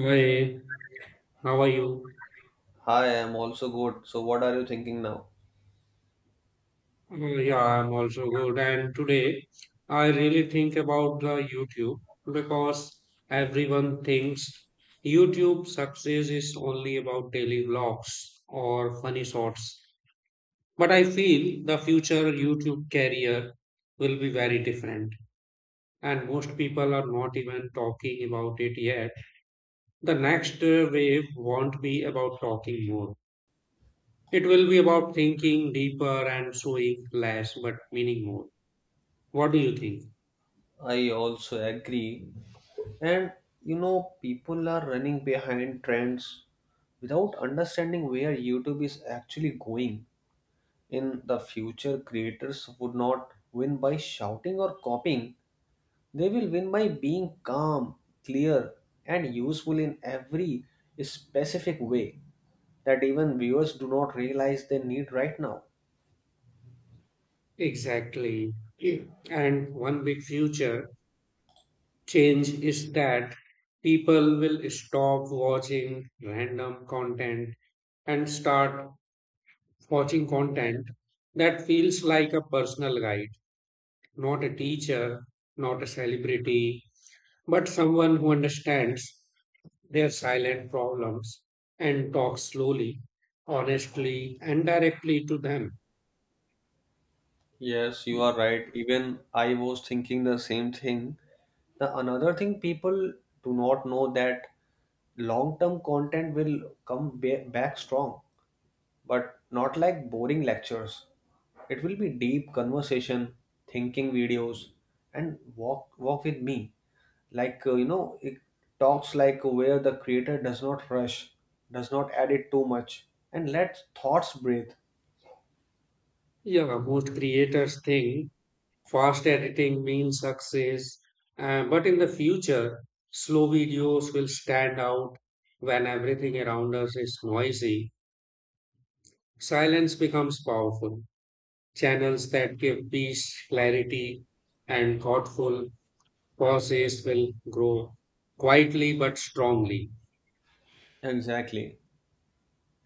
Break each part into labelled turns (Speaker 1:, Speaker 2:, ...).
Speaker 1: Hi, how are you?
Speaker 2: Hi, I am also good. So, what are you thinking now?
Speaker 1: Yeah, I'm also good. And today, I really think about the YouTube because everyone thinks YouTube success is only about daily vlogs or funny shorts. But I feel the future YouTube career will be very different. And most people are not even talking about it yet. The next wave won't be about talking more. It will be about thinking deeper and showing less but meaning more. What do you think?
Speaker 2: I also agree. And people are running behind trends without understanding where YouTube is actually going. In the future, creators would not win by shouting or copying, they will win by being calm, clear, and useful in every specific way that even viewers do not realize they need right now.
Speaker 1: Exactly. Yeah. And one big future change is that people will stop watching random content and start watching content that feels like a personal guide, not a teacher, not a celebrity, but someone who understands their silent problems and talk slowly, honestly, and directly to them.
Speaker 2: Yes, you are right. Even I was thinking the same thing. The another thing people do not know that long-term content will come back strong, but not like boring lectures. It will be deep conversation, thinking videos, and walk with me. Like it talks like where the creator does not rush, does not edit too much, and let thoughts breathe.
Speaker 1: Yeah, most creators think fast editing means success, but in the future, slow videos will stand out when everything around us is noisy. Silence becomes powerful. Channels that give peace, clarity, and thoughtful pauses will grow quietly but strongly.
Speaker 2: Exactly.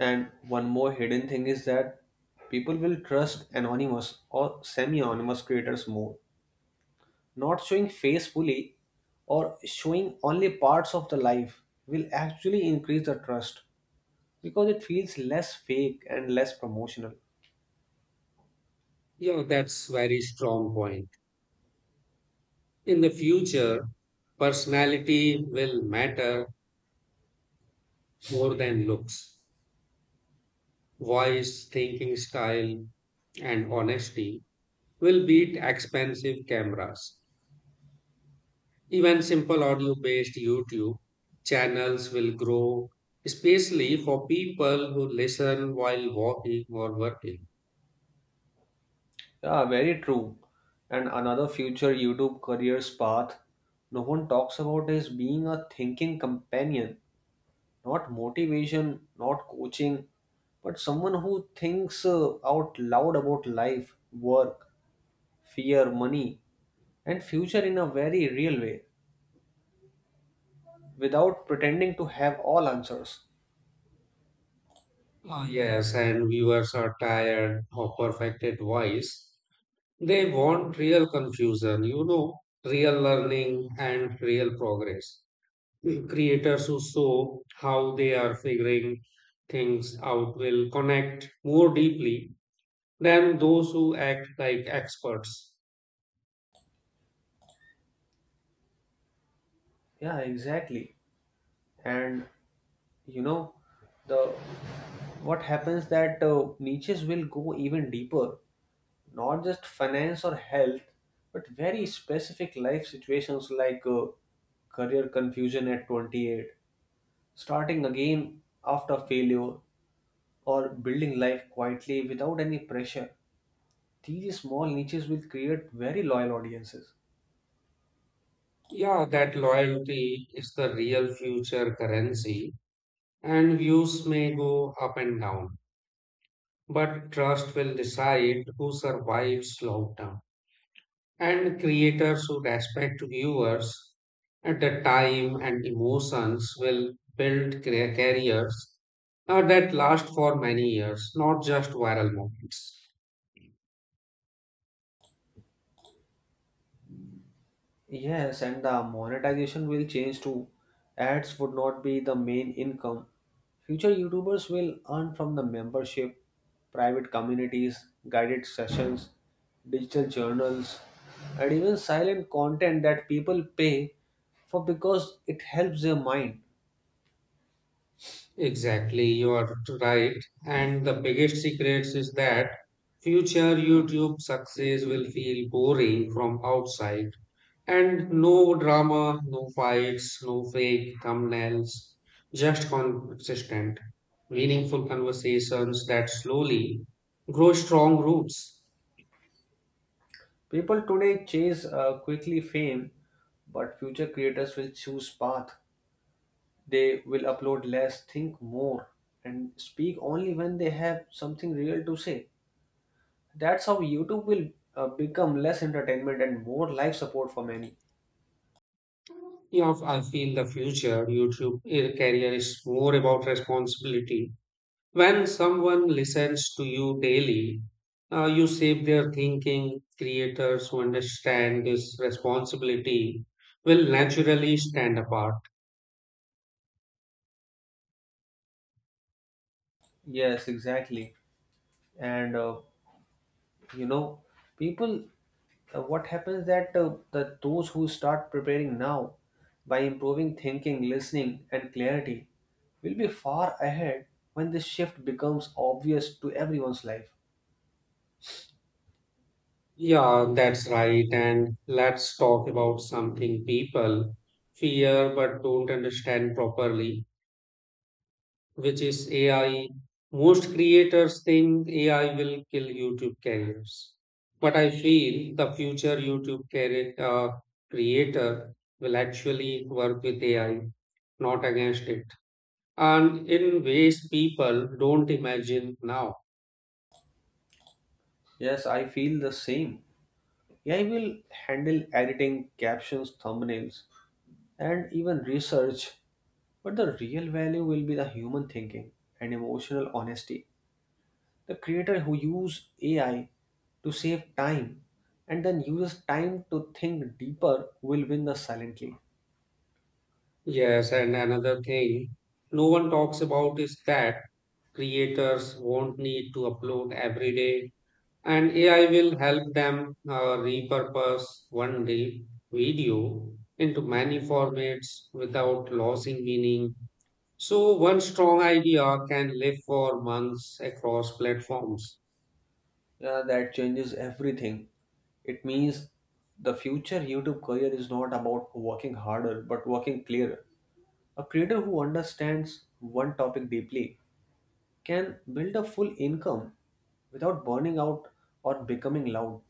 Speaker 2: And one more hidden thing is that people will trust anonymous or semi anonymous creators more. Not showing face fully or showing only parts of the life will actually increase the trust because it feels less fake and less promotional.
Speaker 1: Yeah, that's very strong point. In the future, personality will matter more than looks. Voice, thinking style, and honesty will beat expensive cameras. Even simple audio based YouTube channels will grow, especially for people who listen while walking or working.
Speaker 2: Yeah, very true. And another future YouTube careers path no one talks about is being a thinking companion not motivation, not coaching, but someone who thinks out loud about life, work, fear, money, and future in a very real way without pretending to have all answers.
Speaker 1: Ah yes, and viewers are tired of perfected voice. They want real confusion, real learning and real progress. Creators who show how they are figuring things out will connect more deeply than those who act like experts.
Speaker 2: Yeah, exactly. And you know, the what happens that niches will go even deeper, not just finance or health, but very specific life situations like career confusion at 28 starting again after failure or building life quietly without any pressure. These small niches will create very loyal audiences.
Speaker 1: Yeah, that loyalty is the real future currency, and views may go up and down, but trust will decide who survives long term. And creators should respect viewers at the time and emotions will build careers that last for many years, not just viral moments.
Speaker 2: Yes, and the monetization will change too. Ads would not be the main income. Future YouTubers will earn from the membership, private communities, guided sessions, digital journals, and even silent content that people pay for because it helps their mind.
Speaker 1: Exactly, you are right. And the biggest secrets is that future YouTube success will feel boring from outside. And no drama, no fights, no fake thumbnails, just consistent, meaningful conversations that slowly grow strong roots.
Speaker 2: People today chase quickly fame, but future creators will choose path. They will upload less, think more, and speak only when they have something real to say. That's how YouTube will become less entertainment and more life support for many.
Speaker 1: You know, I feel the future YouTube career is more about responsibility. When someone listens to you daily, you shape their thinking. Creators who understand this responsibility will naturally stand apart.
Speaker 2: Yes, exactly. And you know, people, what happens that that those who start preparing now by improving thinking, listening, and clarity will be far ahead when this shift becomes obvious to everyone's life.
Speaker 1: Yeah, that's right. And let's talk about something people fear but don't understand properly, which is AI. Most creators think AI will kill YouTube careers. But I feel the future YouTube career, creator will actually work with AI, not against it. And in ways people don't imagine now.
Speaker 2: Yes, I feel the same. AI will handle editing, captions, thumbnails, and even research, but the real value will be the human thinking and emotional honesty. The creator who use AI to save time and then uses time to think deeper will win the silently.
Speaker 1: Yes, and another thing no one talks about is that creators won't need to upload every day, and AI will help them repurpose one day video into many formats without losing meaning. So, one strong idea can live for months across platforms.
Speaker 2: That changes everything. It means the future YouTube career is not about working harder but working clearer. A creator who understands one topic deeply can build a full income without burning out or becoming loud.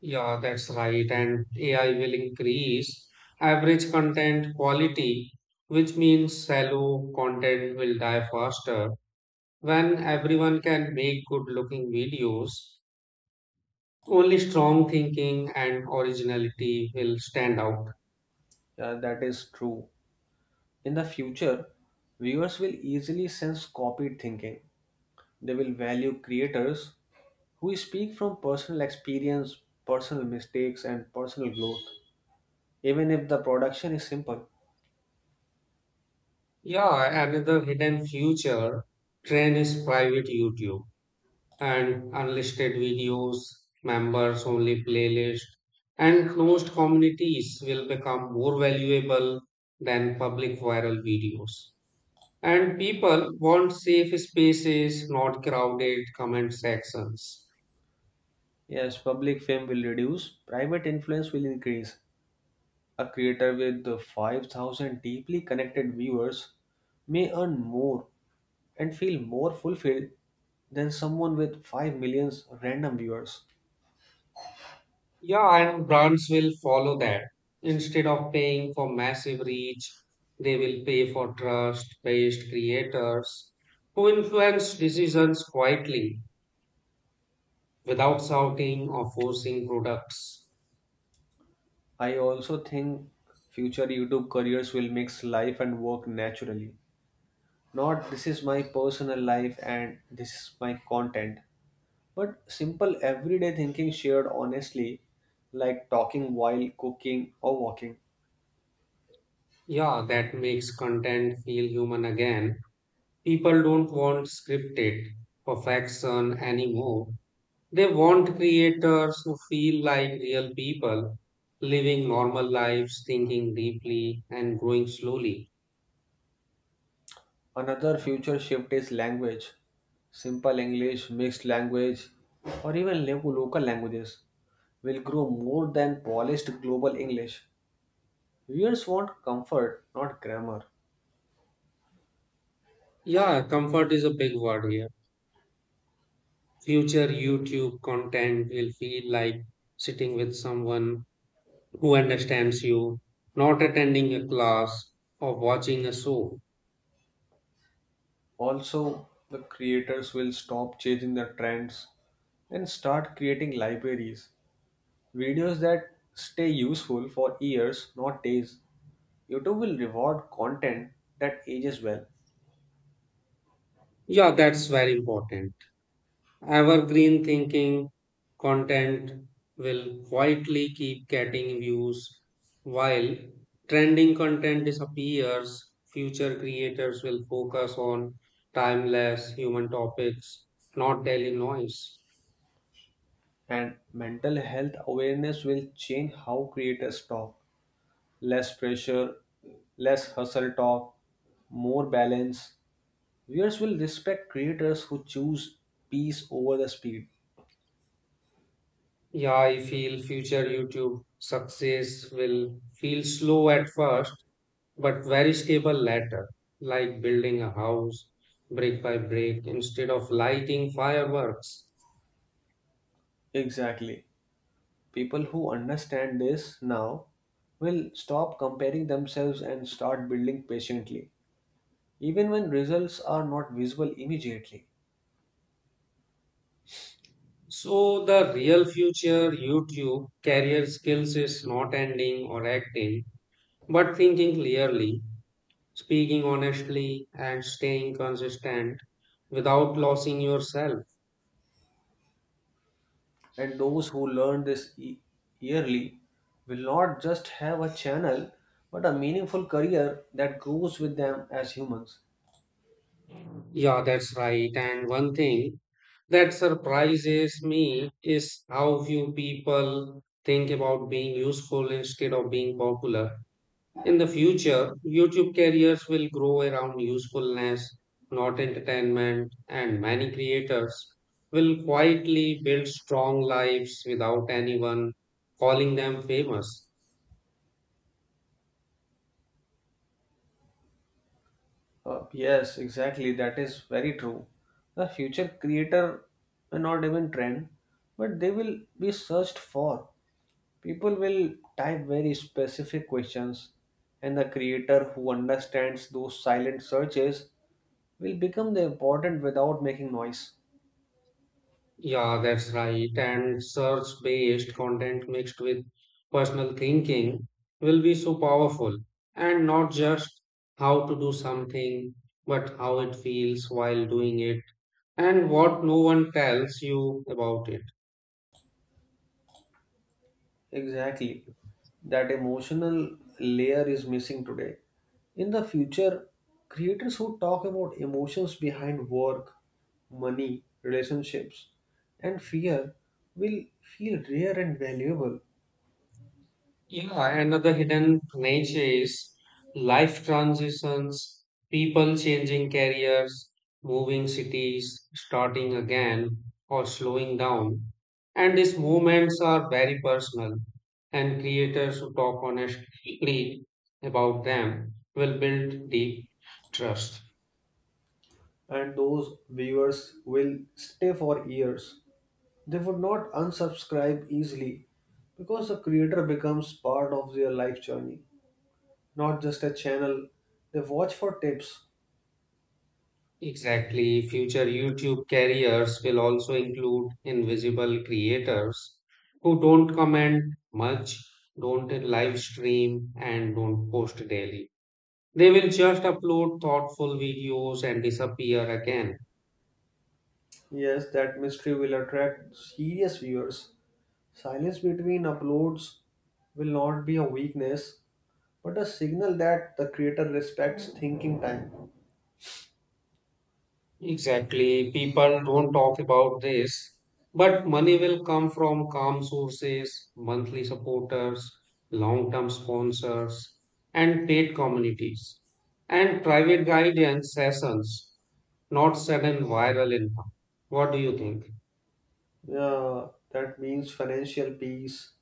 Speaker 1: Yeah, that's right. And AI will increase average content quality, which means shallow content will die faster. When everyone can make good looking videos, only strong thinking and originality will stand out.
Speaker 2: That is true. In the future, viewers will easily sense copied thinking. They will value creators who speak from personal experience, personal mistakes, and personal growth, even if the production is simple.
Speaker 1: Yeah, another hidden future trend is private YouTube. And unlisted videos, members only playlist, and closed communities will become more valuable than public viral videos. And people want safe spaces, not crowded comment sections.
Speaker 2: Yes, public fame will reduce, private influence will increase. A creator with the 5,000 deeply connected viewers may earn more and feel more fulfilled than someone with 5 million random viewers.
Speaker 1: Yeah, and brands will follow that. Instead of paying for massive reach, they will pay for trust based creators who influence decisions quietly without shouting or forcing products.
Speaker 2: I also think future YouTube careers will mix life and work naturally. Not this is my personal life and this is my content, but simple everyday thinking shared honestly, like talking while cooking or walking.
Speaker 1: Yeah, that makes content feel human again. People don't want scripted perfection anymore. They want creators who feel like real people, living normal lives, thinking deeply, and growing slowly.
Speaker 2: Another future shift is language. Simple English, mixed language, or even local languages will grow more than polished global English. Viewers want comfort, not grammar.
Speaker 1: Yeah, comfort is a big word here. Future YouTube content will feel like sitting with someone who understands you, not attending a class or watching a show.
Speaker 2: Also, the creators will stop chasing the trends and start creating libraries. Videos that stay useful for years, not days. YouTube will reward content that ages well,
Speaker 1: Yeah, that's very important. Evergreen thinking content will quietly keep getting views while trending content disappears. Future creators will focus on timeless human topics, not daily noise.
Speaker 2: and mental health awareness will change how creators talk. Less pressure, less hustle talk, more balance. Viewers will respect creators who choose peace over the speed.
Speaker 1: Yeah, I feel future YouTube success will feel slow at first, but very stable later, like building a house brick by brick instead of lighting fireworks.
Speaker 2: Exactly. People who understand this now will stop comparing themselves and start building patiently, even when results are not visible immediately.
Speaker 1: So the real future YouTube career skills is not ending or acting, but thinking clearly, speaking honestly, and staying consistent without losing yourself.
Speaker 2: And those who learn this yearly will not just have a channel but a meaningful career that grows with them as humans.
Speaker 1: Yeah, that's right. And one thing that surprises me is how few people think about being useful instead of being popular. In the future, YouTube careers will grow around usefulness, not entertainment, and many creators will quietly build strong lives without anyone calling them famous.
Speaker 2: Yes, exactly. That is very true. The future creator may not even trend, but they will be searched for. People will type very specific questions, and the creator who understands those silent searches will become the important without making noise.
Speaker 1: Yeah, that's right. And search based content mixed with personal thinking will be so powerful. And not just how to do something, but how it feels while doing it and what no one tells you about it.
Speaker 2: Exactly. That emotional layer is missing today. In the future, creators who talk about emotions behind work, money, relationships, and fear will feel rare and valuable,
Speaker 1: Yeah, another hidden nature is life transitions, people changing careers, moving cities, starting again, or slowing down. And these movements are very personal, and creators who talk honestly about them will build deep trust.
Speaker 2: and those viewers will stay for years. They would not unsubscribe easily because the creator becomes part of their life journey, not just a channel they watch for tips.
Speaker 1: Exactly. Future YouTube careers will also include invisible creators who don't comment much, don't live stream, and don't post daily. They will just upload thoughtful videos and disappear again.
Speaker 2: Yes, that mystery will attract serious viewers. Silence between uploads will not be a weakness, but a signal that the creator respects thinking time.
Speaker 1: Exactly. People don't talk about this, but money will come from calm sources, monthly supporters, long term sponsors, and paid communities, and private guidance sessions. Not sudden viral income. What do you think?
Speaker 2: Yeah, that means financial peace.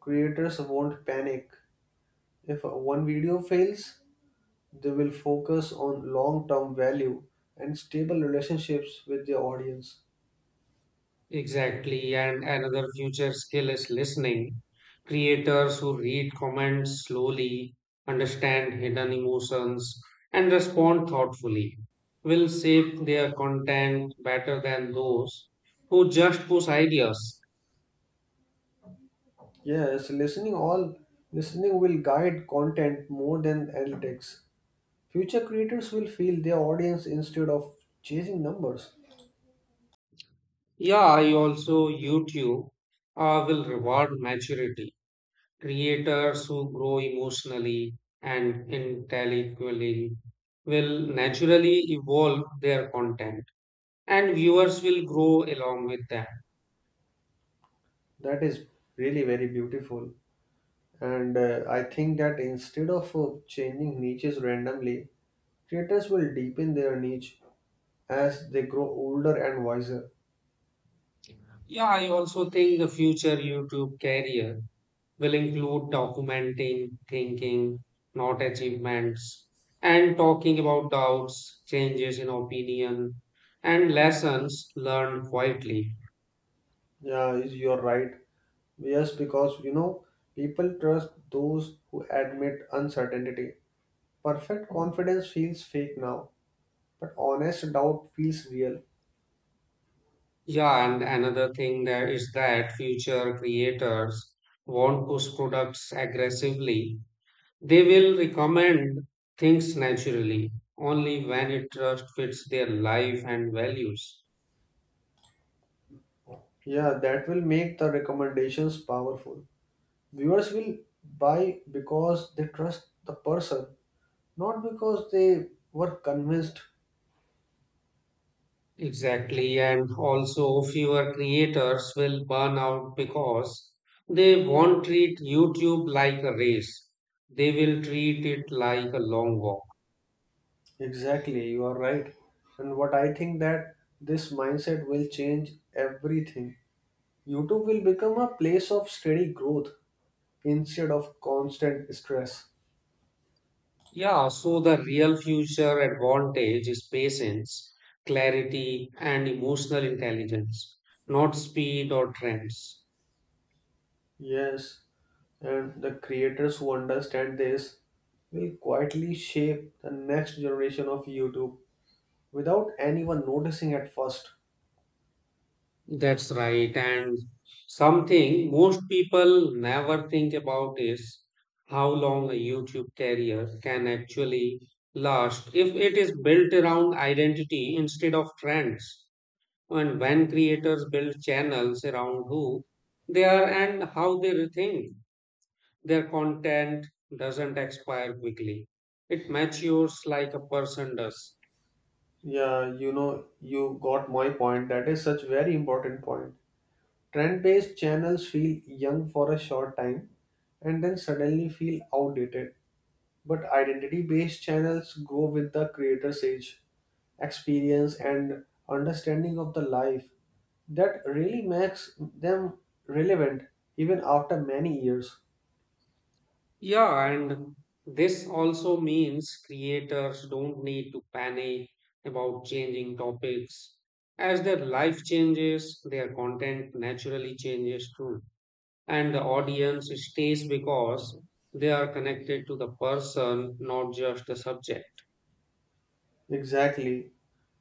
Speaker 2: Creators won't panic. If one video fails, they will focus on long term value and stable relationships with their audience.
Speaker 1: Exactly. And another future skill is listening. Creators who read comments slowly, understand hidden emotions, and respond thoughtfully will shape their content better than those who just push ideas.
Speaker 2: Yes, listening will guide content more than analytics. Future creators will feel their audience instead of chasing numbers.
Speaker 1: Yeah, I also YouTube will reward maturity. Creators who grow emotionally and intellectually will naturally evolve their content and viewers will grow along with them.
Speaker 2: That is really very beautiful. And I think that instead of changing niches randomly, creators will deepen their niche as they grow older and wiser.
Speaker 1: Yeah, I also think the future YouTube career will include documenting thinking, not achievements, and talking about doubts, changes in opinion, and lessons learned quietly.
Speaker 2: Yeah, you're right. Yes, because people trust those who admit uncertainty. Perfect confidence feels fake now, but honest doubt feels real.
Speaker 1: Yeah, and another thing there is that future creators won't push products aggressively. They will recommend things naturally, only when it just fits their life and values.
Speaker 2: Yeah, that will make the recommendations powerful. Viewers will buy because they trust the person, not because they were convinced.
Speaker 1: Exactly, and also fewer creators will burn out because they won't treat YouTube like a race. They will treat it like a long walk.
Speaker 2: Exactly, you are right. And what I think that this mindset will change everything. YouTube will become a place of steady growth instead of constant stress.
Speaker 1: Yeah, so the real future advantage is patience, clarity, and emotional intelligence, not speed or trends.
Speaker 2: Yes, and the creators who understand this will quietly shape the next generation of YouTube without anyone noticing at first.
Speaker 1: That's right. And something most people never think about is how long a YouTube career can actually last if it is built around identity instead of trends. And when creators build channels around who they are and how they think, their content doesn't expire quickly. It matures like a person does.
Speaker 2: Yeah, you got my point. That is such very important point. Trend-based channels feel young for a short time and then suddenly feel outdated. But identity-based channels grow with the creator's age, experience, and understanding of the life. That really makes them relevant even after many years.
Speaker 1: Yeah, and this also means creators don't need to panic about changing topics. As their life changes, their content naturally changes too. And the audience stays because they are connected to the person, not just the subject.
Speaker 2: Exactly.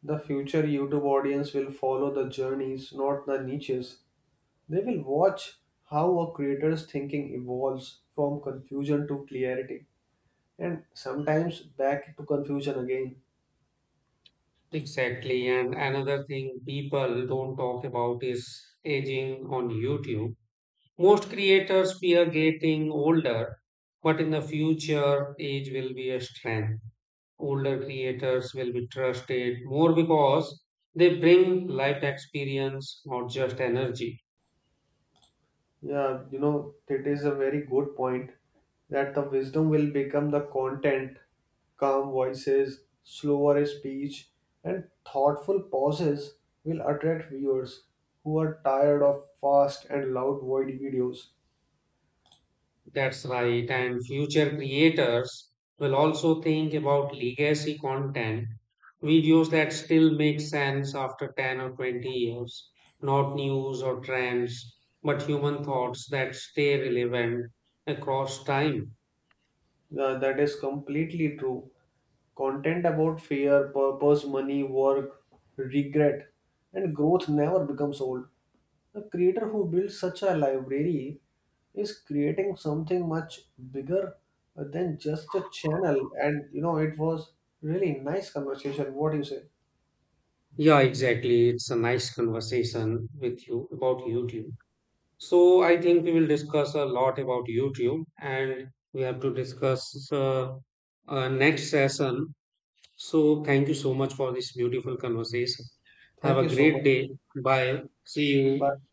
Speaker 2: The future YouTube audience will follow the journeys, not the niches. They will watch how a creator's thinking evolves from confusion to clarity and sometimes back to confusion again.
Speaker 1: Exactly. And another thing people don't talk about is aging on YouTube. Most creators fear getting older, but in the future, age will be a strength. Older creators will be trusted more because they bring life experience, not just energy.
Speaker 2: Yeah, it is a very good point that the wisdom will become the content, calm voices, slower speech, and thoughtful pauses will attract viewers who are tired of fast and loud void videos.
Speaker 1: That's right. And future creators will also think about legacy content, videos that still make sense after 10 or 20 years, not news or trends, but human thoughts that stay relevant across time.
Speaker 2: Yeah, that is completely true. Content about fear, purpose, money, work, regret, and growth never becomes old. The creator who builds such a library is creating something much bigger than just a channel. And it was really nice conversation. What do you say?
Speaker 1: Yeah, exactly. It's a nice conversation with you about YouTube. So I think we will discuss a lot about YouTube and we have to discuss next session. So thank you so much for this beautiful conversation. Have
Speaker 2: Thank
Speaker 1: a
Speaker 2: you so much.
Speaker 1: great day. Bye. See you.
Speaker 2: Bye.